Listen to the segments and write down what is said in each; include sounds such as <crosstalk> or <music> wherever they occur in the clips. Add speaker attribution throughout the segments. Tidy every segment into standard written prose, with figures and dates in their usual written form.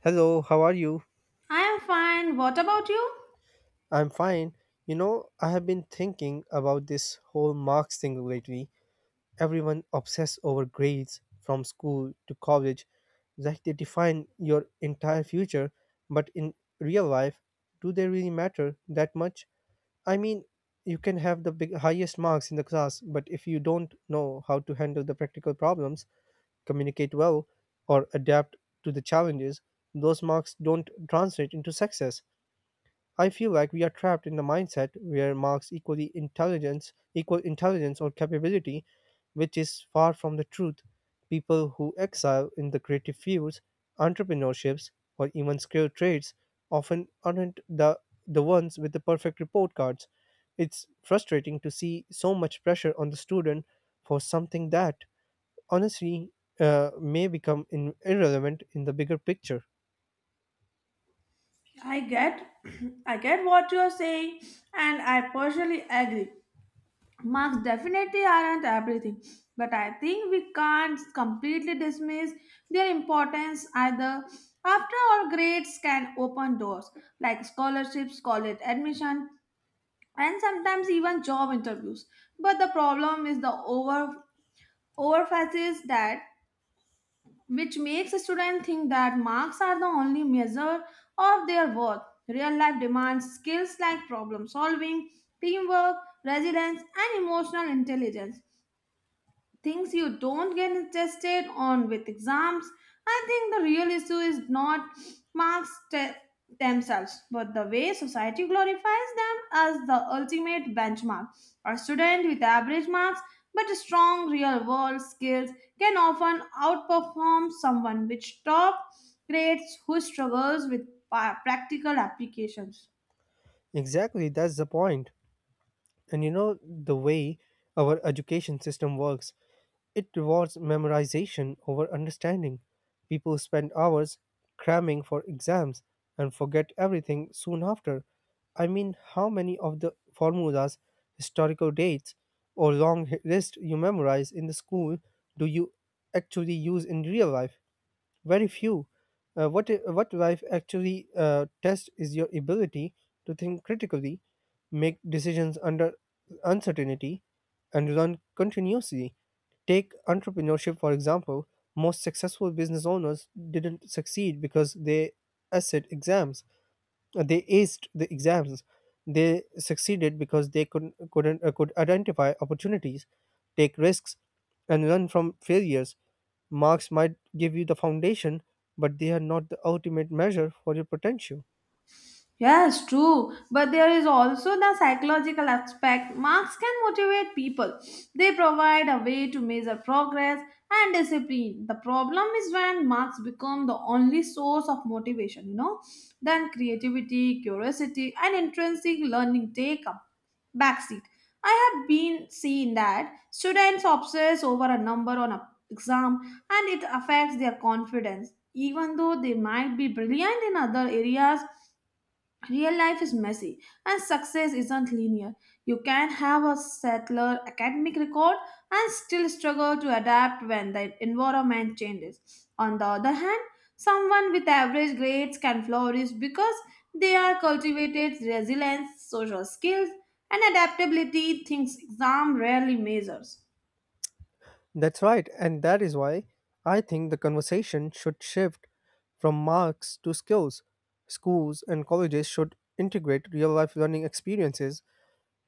Speaker 1: Hello, how are you?
Speaker 2: I am fine. What about you?
Speaker 1: I'm fine. I have been thinking about this whole marks thing lately. Everyone obsessed over grades from school to college, like they define your entire future, but in real life, do they really matter that much? I mean, you can have the big, highest marks in the class, but if you don't know how to handle the practical problems, communicate well, or adapt to the challenges, those marks don't translate into success. I feel like we are trapped in the mindset where marks equal the intelligence, equal intelligence or capability, which is far from the truth. People who excel in the creative fields, entrepreneurships, or even skilled trades often aren't the ones with the perfect report cards. It's frustrating to see so much pressure on the student for something that, honestly, may become irrelevant in the bigger picture.
Speaker 2: I get <clears throat> I get what you're saying and I partially agree. Marks definitely aren't everything, but I think we can't completely dismiss their importance either. After all, grades can open doors like scholarships, college admission, and sometimes even job interviews. But the problem is the overemphasis that which makes students think that marks are the only measure of their worth. Real life demands skills like problem solving, teamwork, resilience, and emotional intelligence things you don't get tested on with exams. I think the real issue is not marks te- themselves, but the way society glorifies them as the ultimate benchmark. A student with average marks but strong real world skills can often outperform someone with top grades who struggles with practical applications.
Speaker 1: Exactly, that's the point. And the way our education system works, it rewards memorization over understanding. People spend hours cramming for exams and forget everything soon after. I mean, how many of the formulas, historical dates, or long list you memorize in the school do you actually use in real life? Very few. What life actually tests is your ability to think critically, make decisions under uncertainty, and learn continuously. Take entrepreneurship, for example. Most successful business owners didn't succeed because they aced exams. They aced the exams, they succeeded because they could couldn't could identify opportunities, take risks, and learn from failures. Marks might give you the foundation, but they are not the ultimate measure for your potential.
Speaker 2: Yes, true. But there is also the psychological aspect. Marks can motivate people. They provide a way to measure progress and discipline. The problem is when marks become the only source of motivation, you know, then creativity, curiosity, and intrinsic learning take a backseat. I have been seeing that students obsess over a number on an exam and it affects their confidence. Even though they might be brilliant in other areas, real life is messy and success isn't linear. You can have a settler academic record and still struggle to adapt when the environment changes. On the other hand, someone with average grades can flourish because they are cultivated resilience, social skills, and adaptability things exam rarely measures.
Speaker 1: That's right, and that is why I think the conversation should shift from marks to skills. Schools and colleges should integrate real life learning experiences,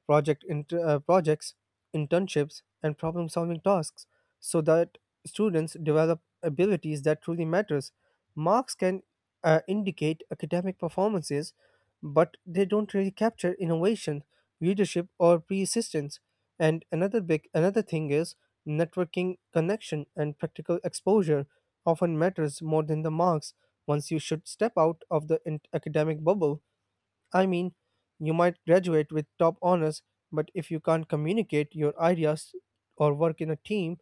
Speaker 1: projects, internships, and problem-solving tasks, so that students develop abilities that truly matters. Marks can indicate academic performances, but they don't really capture innovation, leadership, or persistence. And another thing is networking, connection, and practical exposure often matters more than the marks once you should step out of the academic bubble. I mean, you might graduate with top honors, but if you can't communicate your ideas or work in a team,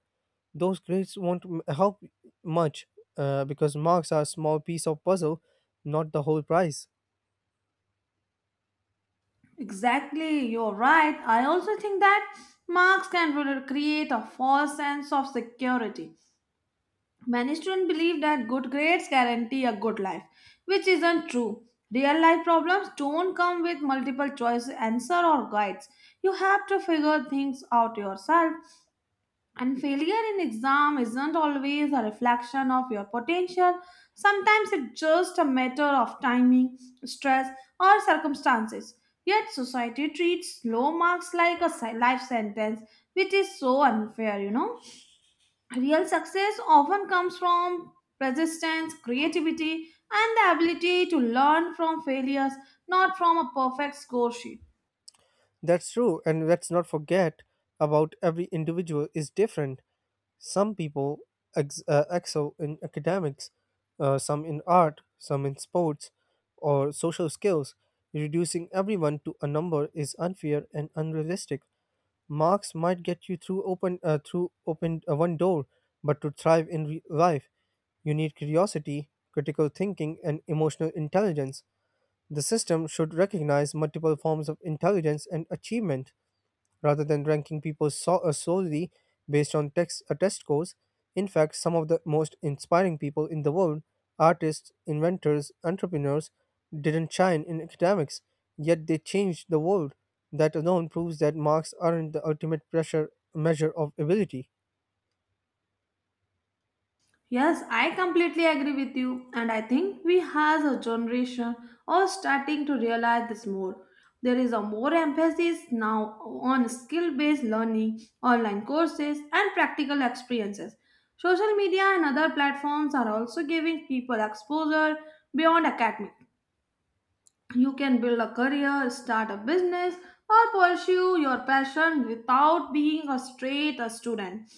Speaker 1: those grades won't help much because marks are a small piece of puzzle, not the whole prize.
Speaker 2: Exactly, you're right. I also think that marks can really create a false sense of security. Many students believe that good grades guarantee a good life, which isn't true. Real life problems don't come with multiple choice answer or guides. You have to figure things out yourself. And failure in exam isn't always a reflection of your potential. Sometimes it's just a matter of timing, stress, or circumstances. Yet society treats low marks like a life sentence, which is so unfair, you know. Real success often comes from persistence, creativity, and the ability to learn from failures, not from a perfect score sheet.
Speaker 1: That's true, and let's not forget about every individual is different. Some people excel in academics, some in art, some in sports, or social skills. Reducing everyone to a number is unfair and unrealistic. Marks might get you through open one door, but to thrive in life, you need curiosity, critical thinking, and emotional intelligence. The system should recognize multiple forms of intelligence and achievement rather than ranking people solely based on test scores. In fact, some of the most inspiring people in the world, artists, inventors, entrepreneurs, didn't shine in academics, yet they changed the world. That alone proves that marks aren't the ultimate pressure measure of ability.
Speaker 2: Yes, I completely agree with you, and I think we as a generation are starting to realize this more. There is a more emphasis now on skill-based learning, online courses, and practical experiences. Social media and other platforms are also giving people exposure beyond academic. You can build a career, start a business, or pursue your passion without being a straight a student.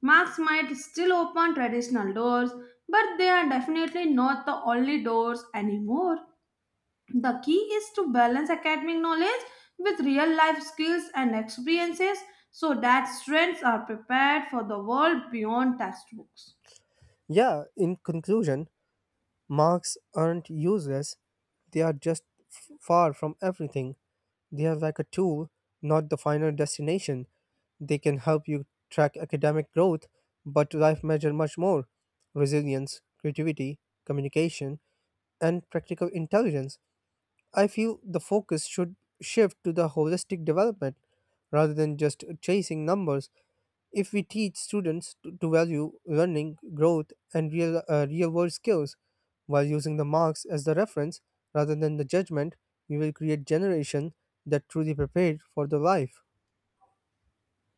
Speaker 2: Marks might still open traditional doors, but they are definitely not the only doors anymore. The key is to balance academic knowledge with real life skills and experiences so that students are prepared for the world beyond textbooks.
Speaker 1: Yeah, in conclusion, marks aren't useless, they are just far from everything. They are like a tool, not the final destination. They can help you track academic growth, but life measures much more resilience, creativity, communication, and practical intelligence. I feel the focus should shift to the holistic development rather than just chasing numbers. If we teach students to value learning, growth, and real world skills while using the marks as the reference rather than the judgment, we will create generation that truly prepared for the life.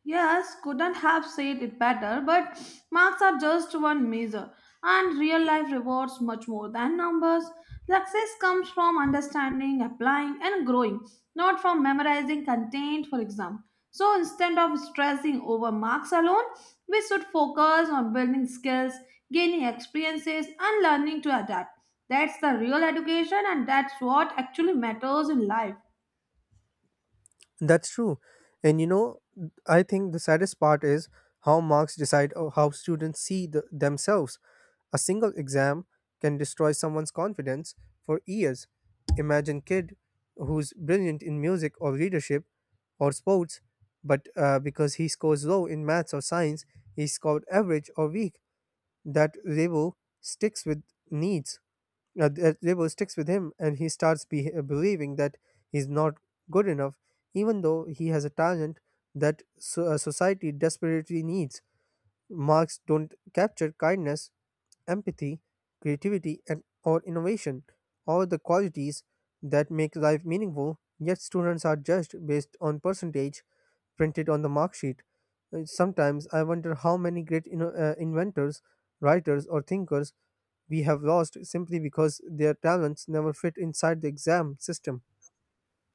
Speaker 2: Yes, couldn't have said it better, but marks are just one measure, and real life rewards much more than numbers. Success comes from understanding, applying, and growing, not from memorizing content, for example. So instead of stressing over marks alone, we should focus on building skills, gaining experiences, and learning to adapt. That's the real education, and that's what actually matters in life.
Speaker 1: That's true. And I think the saddest part is how marks decide how students see themselves. A single exam can destroy someone's confidence for years. Imagine kid who's brilliant in music or leadership or sports, but because he scores low in maths or science, he scored average or weak. That label sticks with needs. That label sticks with him, and he starts believing that he's not good enough, even though he has a talent that society desperately needs. Marks don't capture kindness, empathy, creativity, and or innovation, all the qualities that make life meaningful. Yet students are judged based on percentage printed on the mark sheet. Sometimes I wonder how many great inventors, writers, or thinkers we have lost simply because their talents never fit inside the exam system.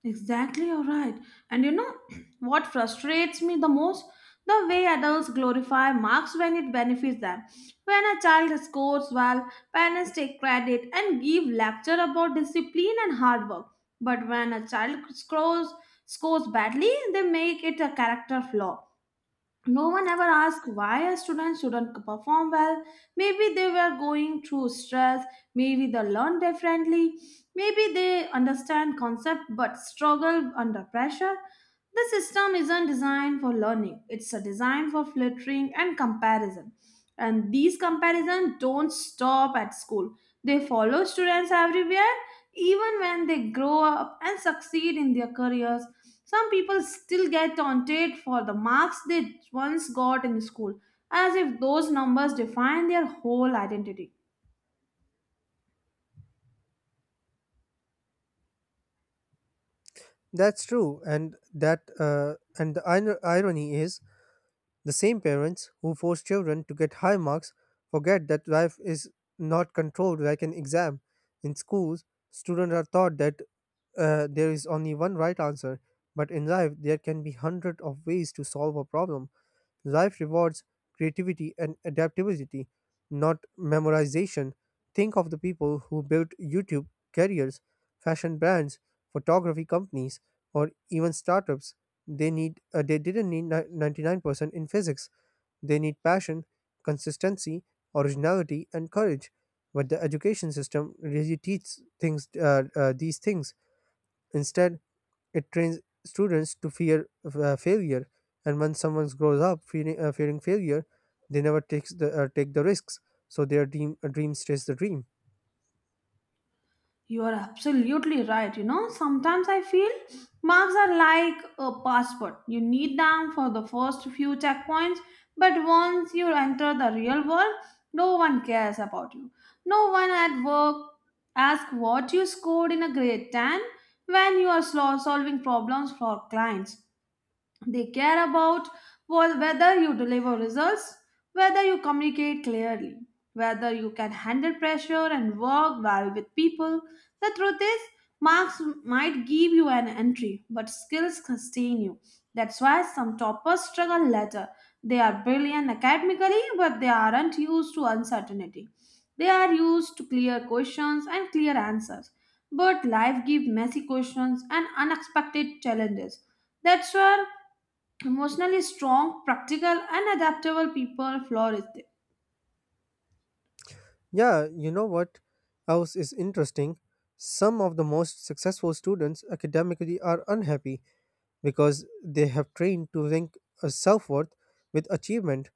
Speaker 2: Exactly, you're right. And you know <clears throat> what frustrates me the most? The way adults glorify marks when it benefits them. When a child scores well, parents take credit and give lecture about discipline and hard work. But when a child scores badly, they make it a character flaw. No one ever asked why a student shouldn't perform well. Maybe they were going through stress, maybe they learn differently, maybe they understand concept but struggle under pressure. The system isn't designed for learning, it's a design for filtering and comparison. And these comparisons don't stop at school. They follow students everywhere even when they grow up and succeed in their careers, some people still get taunted for the marks they once got in school, as if those numbers define their whole identity.
Speaker 1: That's true, and that and the irony is the same parents who force children to get high marks forget that life is not controlled like an exam. In schools, students are taught that there is only one right answer, but in life, there can be hundred of ways to solve a problem. Life rewards creativity and adaptability, not memorization. Think of the people who built YouTube careers, fashion brands, photography companies, or even startups. They didn't need 99% in physics. They need passion, consistency, originality, and courage. But the education system really teaches things these things. Instead, it trains students to fear failure, and when someone grows up fearing failure, they never take the risks. So their dream stays the dream.
Speaker 2: You are absolutely right. You know, sometimes I feel marks are like a passport. You need them for the first few checkpoints, but once you enter the real world, no one cares about you. No one at work asks what you scored in a grade 10 when you are solving problems for clients. They care about well, whether you deliver results, whether you communicate clearly, whether you can handle pressure and work well with people. The truth is, marks might give you an entry, but skills sustain you. That's why some toppers struggle later. They are brilliant academically, but they aren't used to uncertainty. They are used to clear questions and clear answers. But life gives messy questions and unexpected challenges. That's where emotionally strong, practical, and adaptable people flourish there.
Speaker 1: Yeah, you know what else is interesting? Some of the most successful students academically are unhappy because they have trained to link a self-worth with achievement.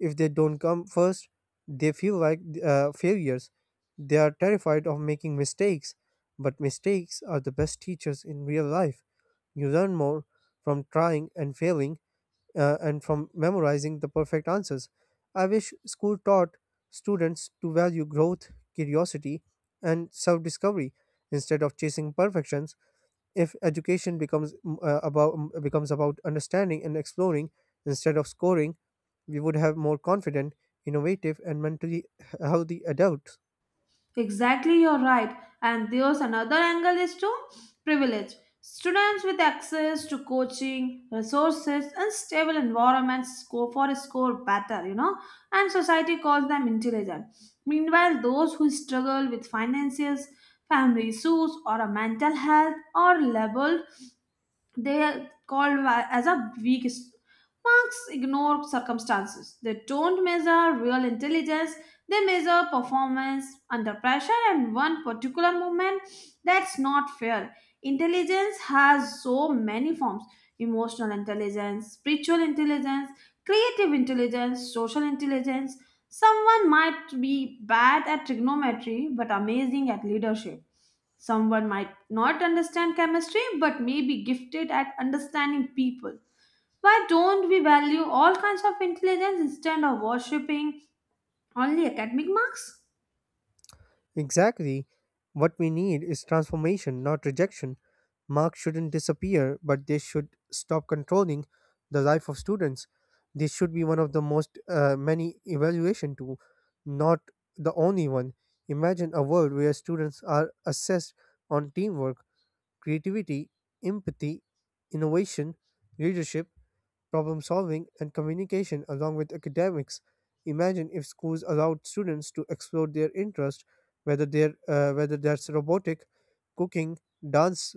Speaker 1: If they don't come first, they feel like failures. They are terrified of making mistakes, but mistakes are the best teachers in real life. You learn more from trying and failing and from memorizing the perfect answers. I wish school taught students to value growth, curiosity, and self-discovery instead of chasing perfections. If education becomes about understanding and exploring instead of scoring, we would have more confident, innovative, and mentally healthy adults.
Speaker 2: Exactly, you're right. And there's another angle is to privilege. Students with access to coaching, resources, and stable environments score better, you know, and society calls them intelligent. Meanwhile, those who struggle with finances, family issues, or a mental health are labeled. They are called as a weak marks ignore circumstances. They don't measure real intelligence. They measure performance under pressure and one particular moment. That's not fair. Intelligence has so many forms emotional intelligence, spiritual intelligence, creative intelligence, social intelligence. Someone might be bad at trigonometry but amazing at leadership. Someone might not understand chemistry but may be gifted at understanding people. Why don't we value all kinds of intelligence instead of worshipping only academic marks?
Speaker 1: Exactly, what we need is transformation, not rejection. Marks shouldn't disappear, but they should stop controlling the life of students. This should be one of the most many evaluation tool, not the only one. Imagine a world where students are assessed on teamwork, creativity, empathy, innovation, leadership, problem solving, and communication, along with academics. Imagine if schools allowed students to explore their interest, whether that's robotic, cooking, dance,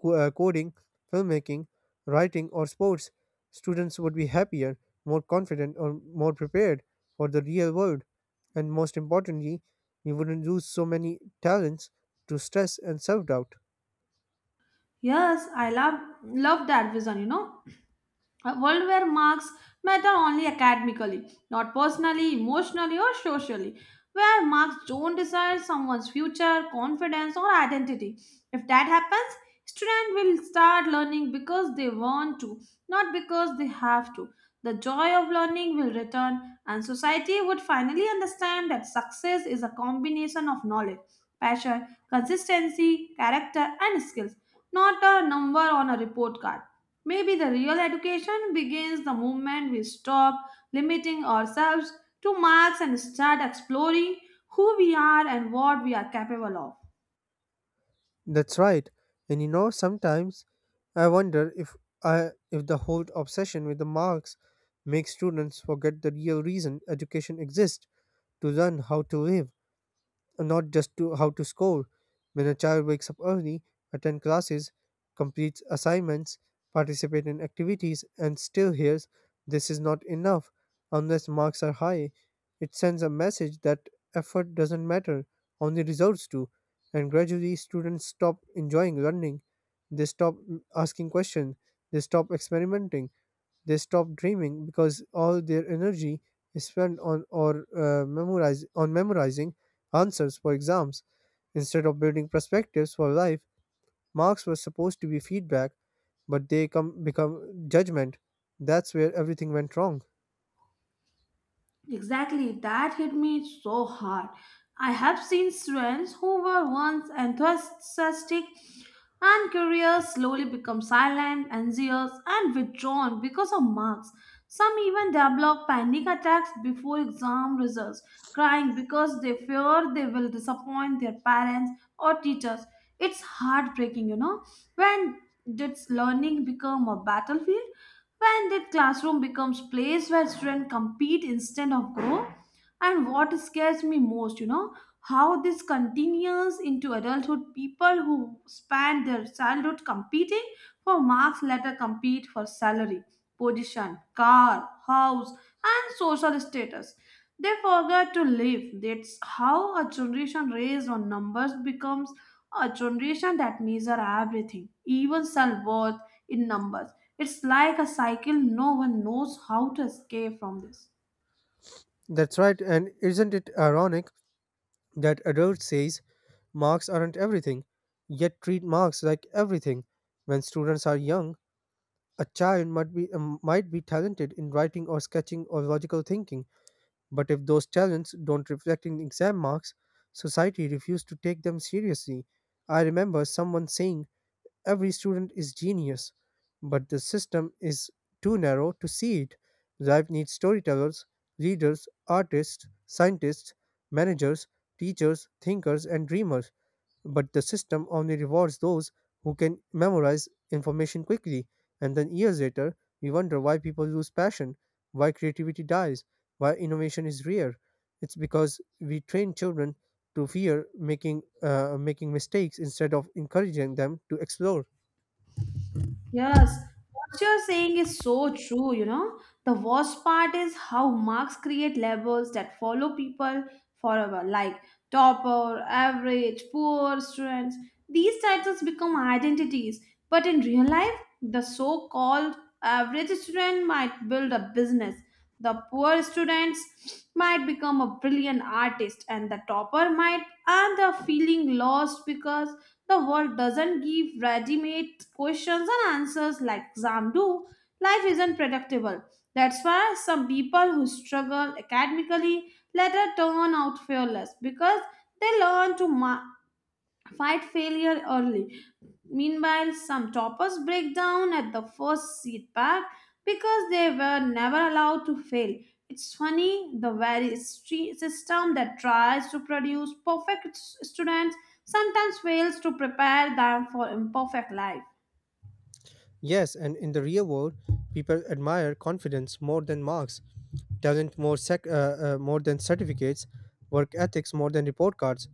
Speaker 1: coding, filmmaking, writing, or sports. Students would be happier, more confident, or more prepared for the real world. And most importantly, we wouldn't lose so many talents to stress and self doubt.
Speaker 2: Yes, I love that vision, you know. A world where marks matter only academically, not personally, emotionally, or socially. Where marks don't decide someone's future, confidence, or identity. If that happens, students will start learning because they want to, not because they have to. The joy of learning will return, and society would finally understand that success is a combination of knowledge, passion, consistency, character, and skills, not a number on a report card. Maybe the real education begins the moment we stop limiting ourselves to marks and start exploring who we are and what we are capable of.
Speaker 1: That's right. And sometimes I wonder if the whole obsession with the marks makes students forget the real reason education exists, to learn how to live, not just to how to score. When a child wakes up early, attends classes, completes assignments, participates in activities, and still hears this is not enough unless marks are high, it sends a message that effort doesn't matter, only results do. And gradually, students stop enjoying learning. They stop asking questions. They stop experimenting, they stop dreaming because all their energy is spent on or memorize on memorizing answers for exams instead of building perspectives for life. Marks were supposed to be feedback, but they come become judgment. That's where everything went wrong.
Speaker 2: Exactly, that hit me so hard. I have seen students who were once enthusiastic and curious slowly become silent, anxious, and withdrawn because of marks. Some even develop panic attacks before exam results, crying because they fear they will disappoint their parents or teachers. It's heartbreaking, you know, when did learning become a battlefield? When did classroom becomes place where students compete instead of grow? And what scares me most, you know, how this continues into adulthood. People who spend their childhood competing for marks later compete for salary, position, car, house, and social status. They forget to live. That's how a generation raised on numbers becomes a generation that measure everything, even self worth, in numbers. It's like a cycle no one knows how to escape from this.
Speaker 1: That's right, and isn't it ironic that adults says marks aren't everything, yet treat marks like everything. When students are young, a child might be talented in writing or sketching or logical thinking, but if those talents don't reflect in exam marks, society refuses to take them seriously. I remember someone saying every student is genius, but the system is too narrow to see it. Life needs storytellers, readers, artists, scientists, managers, teachers, thinkers, and dreamers. But the system only rewards those who can memorize information quickly, and then years later, we wonder why people lose passion, why creativity dies, why innovation is rare. It's because we train children to fear making mistakes instead of encouraging them to explore.
Speaker 2: Yes, what you're saying is so true, you know. The worst part is how marks create labels that follow people forever, like topper, average, poor students. These titles become identities, but in real life, the so called average student might build a business, the poor students might become a brilliant artist, and the topper might end up feeling lost because the world doesn't give ready-made questions and answers like exam do. Life isn't predictable. That's why some people who struggle academically later turn out fearless because they learn to fight failure early. Meanwhile, some toppers break down at the first seat pack because they were never allowed to fail. It's funny, the very system that tries to produce perfect students sometimes fails to prepare them for imperfect life.
Speaker 1: Yes, and in the real world, people admire confidence more than marks, talent more than certificates, work ethics more than report cards.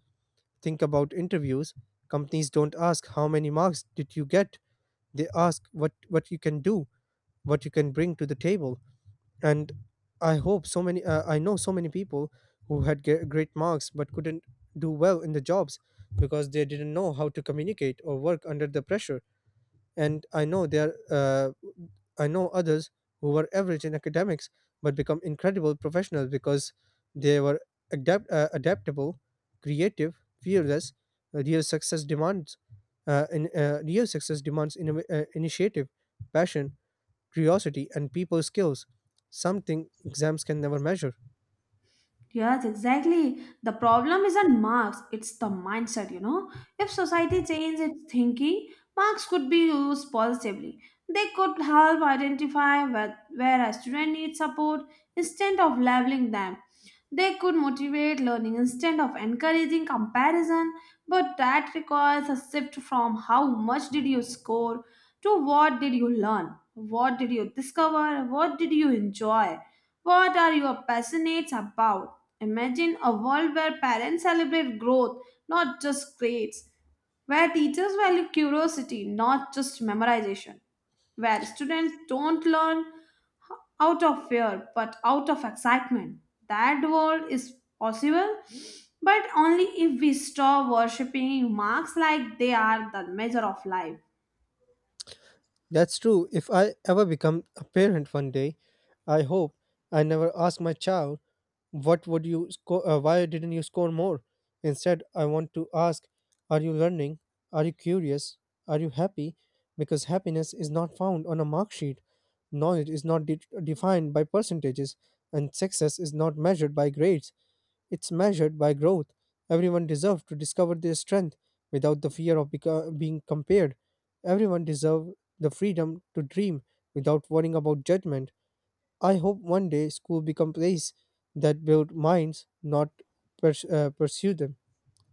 Speaker 1: Think about interviews. Companies don't ask how many marks did you get. They ask what you can do, what you can bring to the table. And I know so many people who had great marks but couldn't do well in the jobs because they didn't know how to communicate or work under the pressure, and I know others who were average in academics but become incredible professionals because they were adaptable, creative, fearless. uh, Real success demands Real success demands initiative, passion, curiosity, and people skills. Something exams can never measure.
Speaker 2: Yes, exactly. The problem isn't marks, it's the mindset, you know. If society changed its thinking, marks could be used positively. They could help identify where a student needs support instead of labeling them. They could motivate learning instead of encouraging comparison, but that requires a shift from how much did you score to what did you learn, what did you discover, what did you enjoy, what are you passionate about. Imagine a world where parents celebrate growth, not just grades, where teachers value curiosity, not just memorization, where students don't learn out of fear, but out of excitement. That world is possible, but only if we stop worshipping marks like they are the measure of life.
Speaker 1: That's true. If I ever become a parent one day, I hope I never ask my child, "What would you score? Why didn't you score more?" Instead, I want to ask, "Are you learning? Are you curious? Are you happy?" Because happiness is not found on a mark sheet. Knowledge is not defined by percentages, and success is not measured by grades. It's measured by growth. Everyone deserves to discover their strength without the fear of being compared. Everyone deserves the freedom to dream without worrying about judgment. I hope one day school become place that build minds, not pursue them,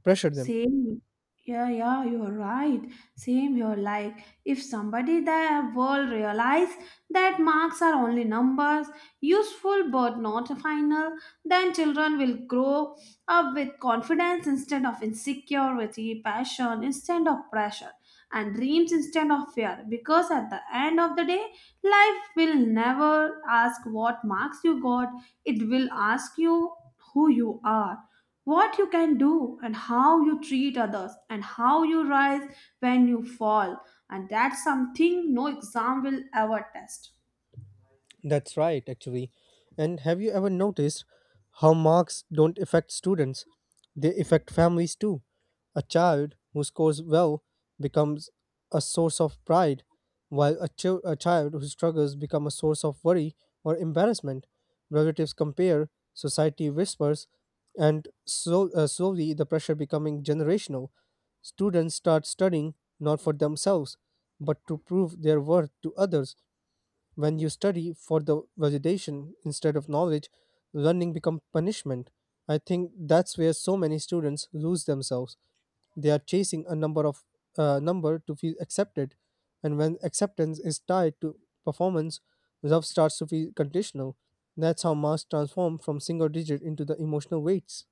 Speaker 1: pressure them.
Speaker 2: Same. Yeah, you're right. Same, you're like, if somebody the world realize that marks are only numbers, useful but not final, then children will grow up with confidence instead of insecurity, passion instead of pressure, and dreams instead of fear. Because at the end of the day, life will never ask what marks you got, it will ask you who you are, what you can do, and how you treat others, and how you rise when you fall, and that's something no exam will ever test.
Speaker 1: That's right, actually. And have you ever noticed how marks don't affect students? They affect families too. A child who scores well becomes a source of pride, while a child who struggles becomes a source of worry or embarrassment. Relatives compare, society whispers, and slowly the pressure becoming generational. Students start studying not for themselves, but to prove their worth to others. When you study for the validation instead of knowledge, learning becomes punishment. I think that's where so many students lose themselves. They are chasing a number to feel accepted, and when acceptance is tied to performance, love starts to feel conditional. That's how marks transform from single digit into the emotional weights.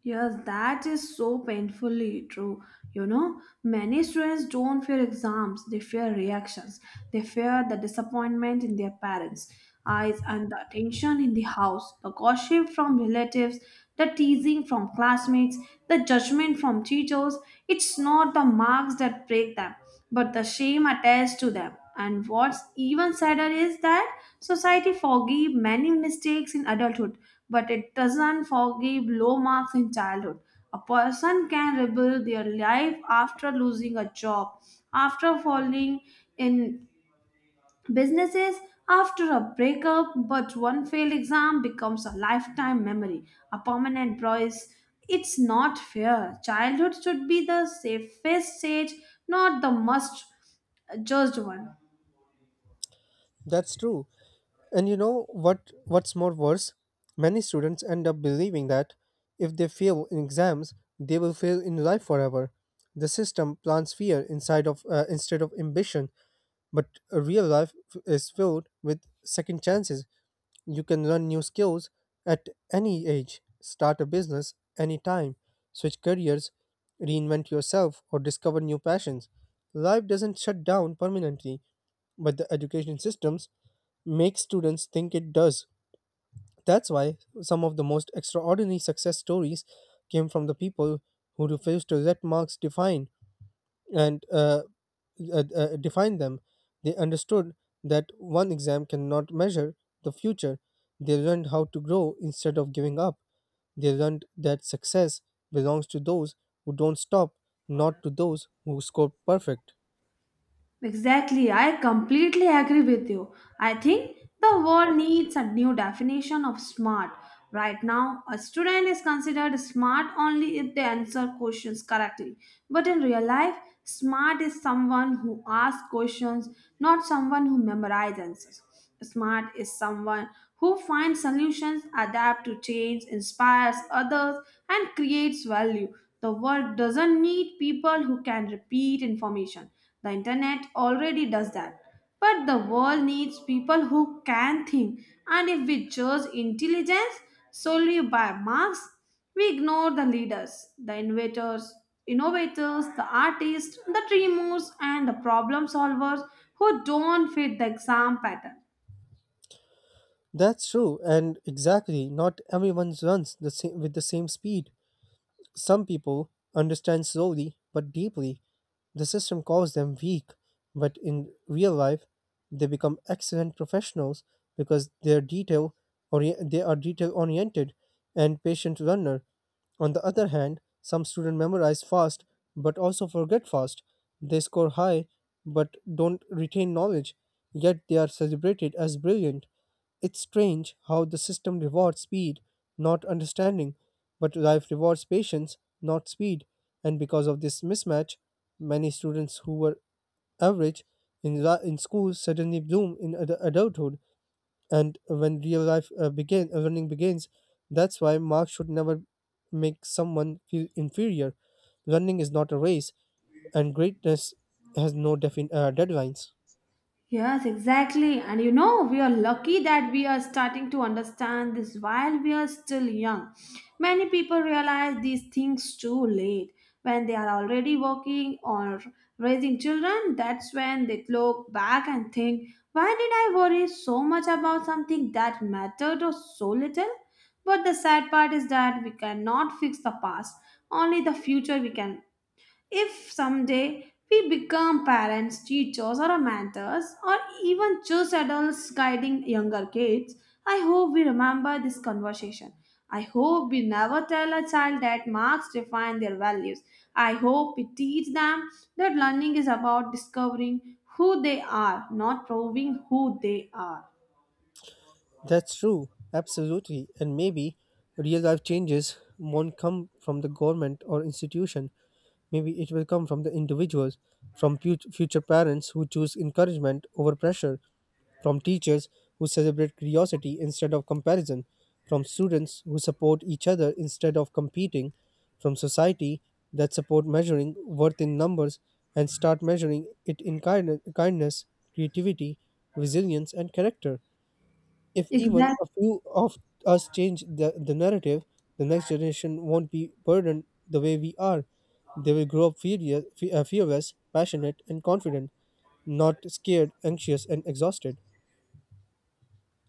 Speaker 2: Yes, that is so painfully true. You know, many students don't fear exams, they fear reactions. They fear the disappointment in their parents' eyes and the attention in the house, the gossip from relatives, the teasing from classmates, the judgment from teachers. It's not the marks that break them, but the shame attached to them. And what's even sadder is that society forgive many mistakes in adulthood but it doesn't forgive low marks in childhood. A person can rebuild their life after losing a job, after falling in businesses, after a breakup, but one failed exam becomes a lifetime memory, a permanent bruise. It's not fair. Childhood should be the safest stage, not the most judged one.
Speaker 1: That's true. And you know what's more worse? Many students end up believing that if they fail in exams, they will fail in life forever. The system plants fear inside of instead of ambition, but a real life is filled with second chances. You can learn new skills at any age, start a business anytime, switch careers, reinvent yourself, or discover new passions. Life doesn't shut down permanently, but the education systems make students think it does. That's why some of the most extraordinary success stories came from the people who refused to let marks define and define them. They understood that one exam cannot measure the future. They learned how to grow instead of giving up. They learned that success belongs to those who don't stop, not to those who score perfect.
Speaker 2: Exactly, I completely agree with you. I think the world needs a new definition of smart. Right now, a student is considered smart only if they answer questions correctly. But in real life, smart is someone who asks questions, not someone who memorizes answers. Smart is someone who finds solutions, adapts to change, inspires others, and creates value. The world doesn't need people who can repeat information. The internet already does that. But the world needs people who can think, and if we judge intelligence solely by marks, we ignore the leaders, the innovators, innovators, the artists, the dreamers, and the problem solvers who don't fit the exam pattern.
Speaker 1: That's true, and exactly, not everyone runs the same, with the same speed. Some people understand slowly but deeply. The system calls them weak, but in real life, they become excellent professionals because they are detail oriented and patient learner. On the other hand, some students memorize fast but also forget fast. They score high but don't retain knowledge, yet they are celebrated as brilliant. It's strange how the system rewards speed, not understanding, but life rewards patience, not speed. And because of this mismatch, many students who were average in school suddenly bloom in adulthood. And when real life learning begins, that's why marks should never make someone feel inferior. Learning is not a race, and greatness has no deadlines.
Speaker 2: Yes, exactly. And we are lucky that we are starting to understand this while we are still young. Many people realize these things too late. When they are already working or raising children, that's when they look back and think, why did I worry so much about something that mattered or so little? But the sad part is that we cannot fix the past, only the future we can if someday we become parents, teachers, or mentors, or even just adults guiding younger kids, I hope we remember this conversation. I hope we never tell a child that marks define their values. I hope we teach them that learning is about discovering who they are, not proving who they are.
Speaker 1: That's true, absolutely. And maybe real life changes won't come from the government or institution. Maybe it will come from the individuals, from future parents who choose encouragement over pressure, from teachers who celebrate curiosity instead of comparison, from students who support each other instead of competing, from society that support measuring worth in numbers and start measuring it in kindness, creativity, resilience, and character. If even
Speaker 2: Exactly.
Speaker 1: a few of us change the narrative, the next generation won't be burdened the way we are. They will grow up fearless, fearless passionate, and confident, not scared, anxious, and exhausted.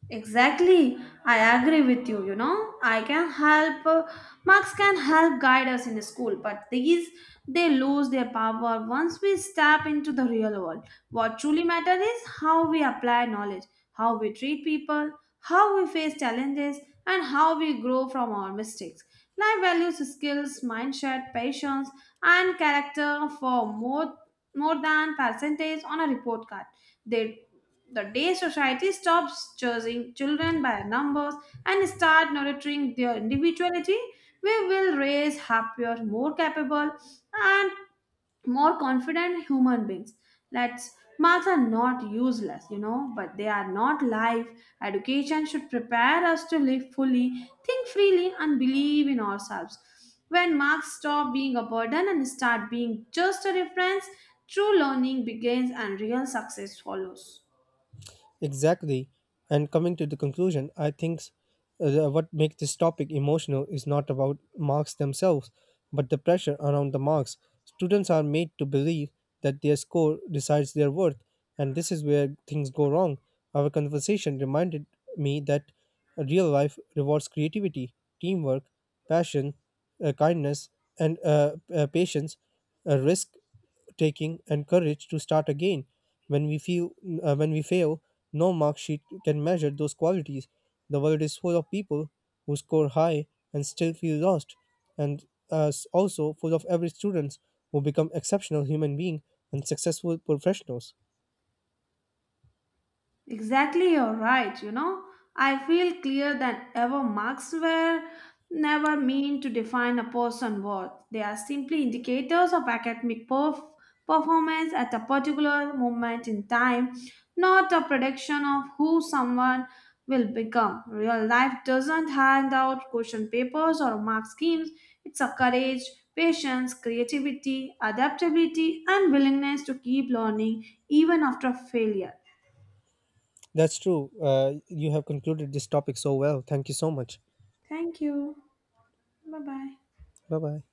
Speaker 2: Exactly. I agree with you. You know, I can help, marks can help guide us in school, but these, they lose their power once we step into the real world. What truly matters is how we apply knowledge, how we treat people, how we face challenges, and how we grow from our mistakes. Life values, skills, mindset, patience, and character for more than percentage on a report card. They the day society stops judging children by numbers and start nurturing their individuality, we will raise happier, more capable, and more confident human beings. Let's marks are not useless, you know, but they are not life. Education should prepare us to live fully, think freely, and believe in ourselves. When marks stop being a burden and start being just a reference, true learning begins and real success follows.
Speaker 1: Exactly. And coming to the conclusion, I think what makes this topic emotional is not about marks themselves, but the pressure around the marks. Students are made to believe that their score decides their worth, and this is where things go wrong. Our conversation reminded me that real life rewards creativity, teamwork, passion, kindness, and patience, risk taking, and courage to start again when we feel when we fail. No mark sheet can measure those qualities. The world is full of people who score high and still feel lost, and also full of average students who become exceptional human beings and successful professionals.
Speaker 2: Exactly, you're right. You know, I feel clear than ever marks were never meant to define a person's worth. They are simply indicators of academic performance at a particular moment in time, not a prediction of who someone will become. Real life doesn't hand out question papers or mark schemes, it's a courage. Patience, creativity, adaptability, and willingness to keep learning even after failure.
Speaker 1: That's true. You have concluded this topic so well. Thank you so much.
Speaker 2: Thank you. Bye bye.
Speaker 1: Bye bye.